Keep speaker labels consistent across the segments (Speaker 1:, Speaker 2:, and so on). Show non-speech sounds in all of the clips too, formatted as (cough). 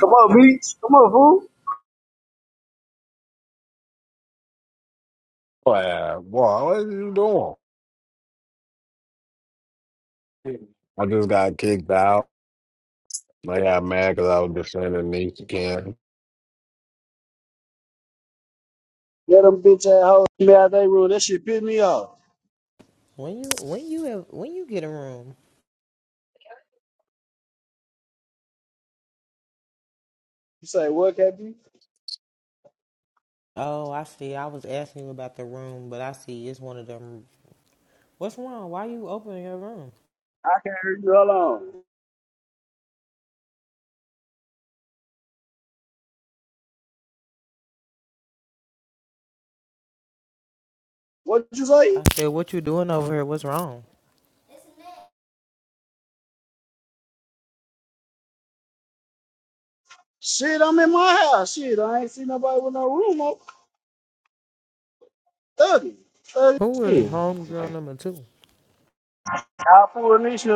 Speaker 1: Come on, Beats. Come on, fool.
Speaker 2: Boy, boy, what are you doing? I just got kicked out. I got mad because I was defending Nate King. I
Speaker 1: Let them bitch ass hoes me out they room. That shit pissed me off.
Speaker 3: When you when you have when you get a room?
Speaker 1: You say what, KB?
Speaker 3: Oh, I see. I was asking you about the room, but I see it's one of them. What's wrong? Why you opening your room?
Speaker 1: I can't hear you. Hold on. What you
Speaker 3: I
Speaker 1: say?
Speaker 3: said, what you doing over here? What's wrong?
Speaker 1: Shit, I'm in my house. Shit, I ain't seen nobody with no room on. Thuggy. Thuggy.
Speaker 3: Who is
Speaker 1: Shit.
Speaker 3: homegirl number two?
Speaker 1: I'll pull this shit.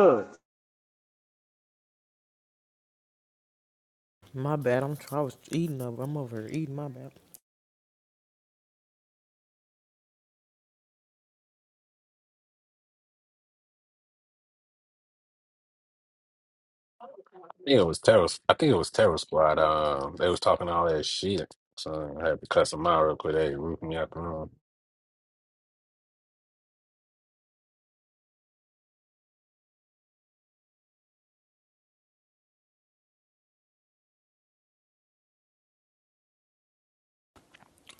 Speaker 3: My bad. I'm I was eating up. I'm over here eating. My bad.
Speaker 2: think it was Terror. I think it was Terror Squad. Um, they was talking all that shit, so I had to cuss them out real quick. They roofed me out the room.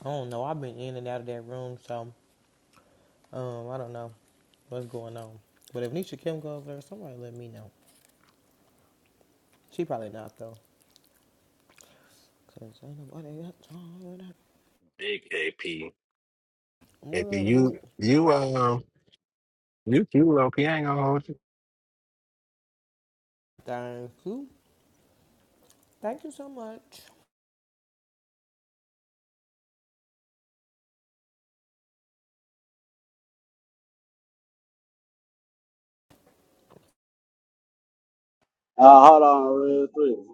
Speaker 3: I don't know. I've been in and out of that room, so um, I don't know what's going on. But if Nisha Kim goes over there, somebody let me know. She probably not though, cause ain't nobody got time. for that.
Speaker 2: Big AP. AP,
Speaker 3: What up, me?
Speaker 2: you, you, um, you, you, low key. ain't gonna hold you.
Speaker 3: Thank you. Thank you so much.
Speaker 1: Uh, hold on real quick.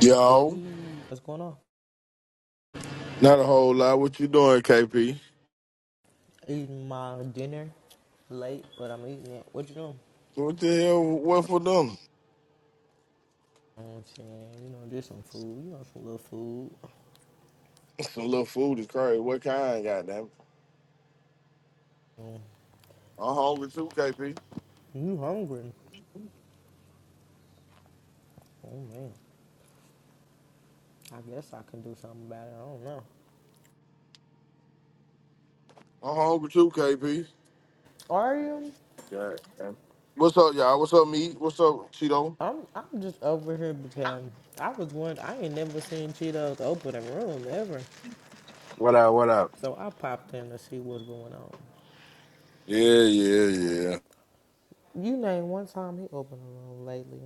Speaker 4: Yo,
Speaker 3: Daddy, what's going on?
Speaker 4: not a whole lot. What you doing, KP?
Speaker 3: Eating my dinner late, but I'm eating it. What you doing?
Speaker 4: What the hell? What for dinner?
Speaker 3: You know what I'm saying, you know, just some food, you know, some little food.
Speaker 4: (laughs) Some little food is crazy. What kind? Goddamn. it?
Speaker 3: Um,
Speaker 4: I'm hungry too, KP.
Speaker 3: you hungry? Oh man, I guess I can do something about it. I don't know.
Speaker 4: I'm hungry too, KP.
Speaker 3: Are you?
Speaker 4: Yeah. What's up, y'all? What's up, me? What's up, Cheeto?
Speaker 3: I'm I'm just over here because I was wondering. I ain't never seen Cheetos open a room ever,
Speaker 2: What up? What up?
Speaker 3: so I popped in to see what's going on.
Speaker 4: Yeah, Yeah, yeah,
Speaker 3: You name one time he opened a room lately.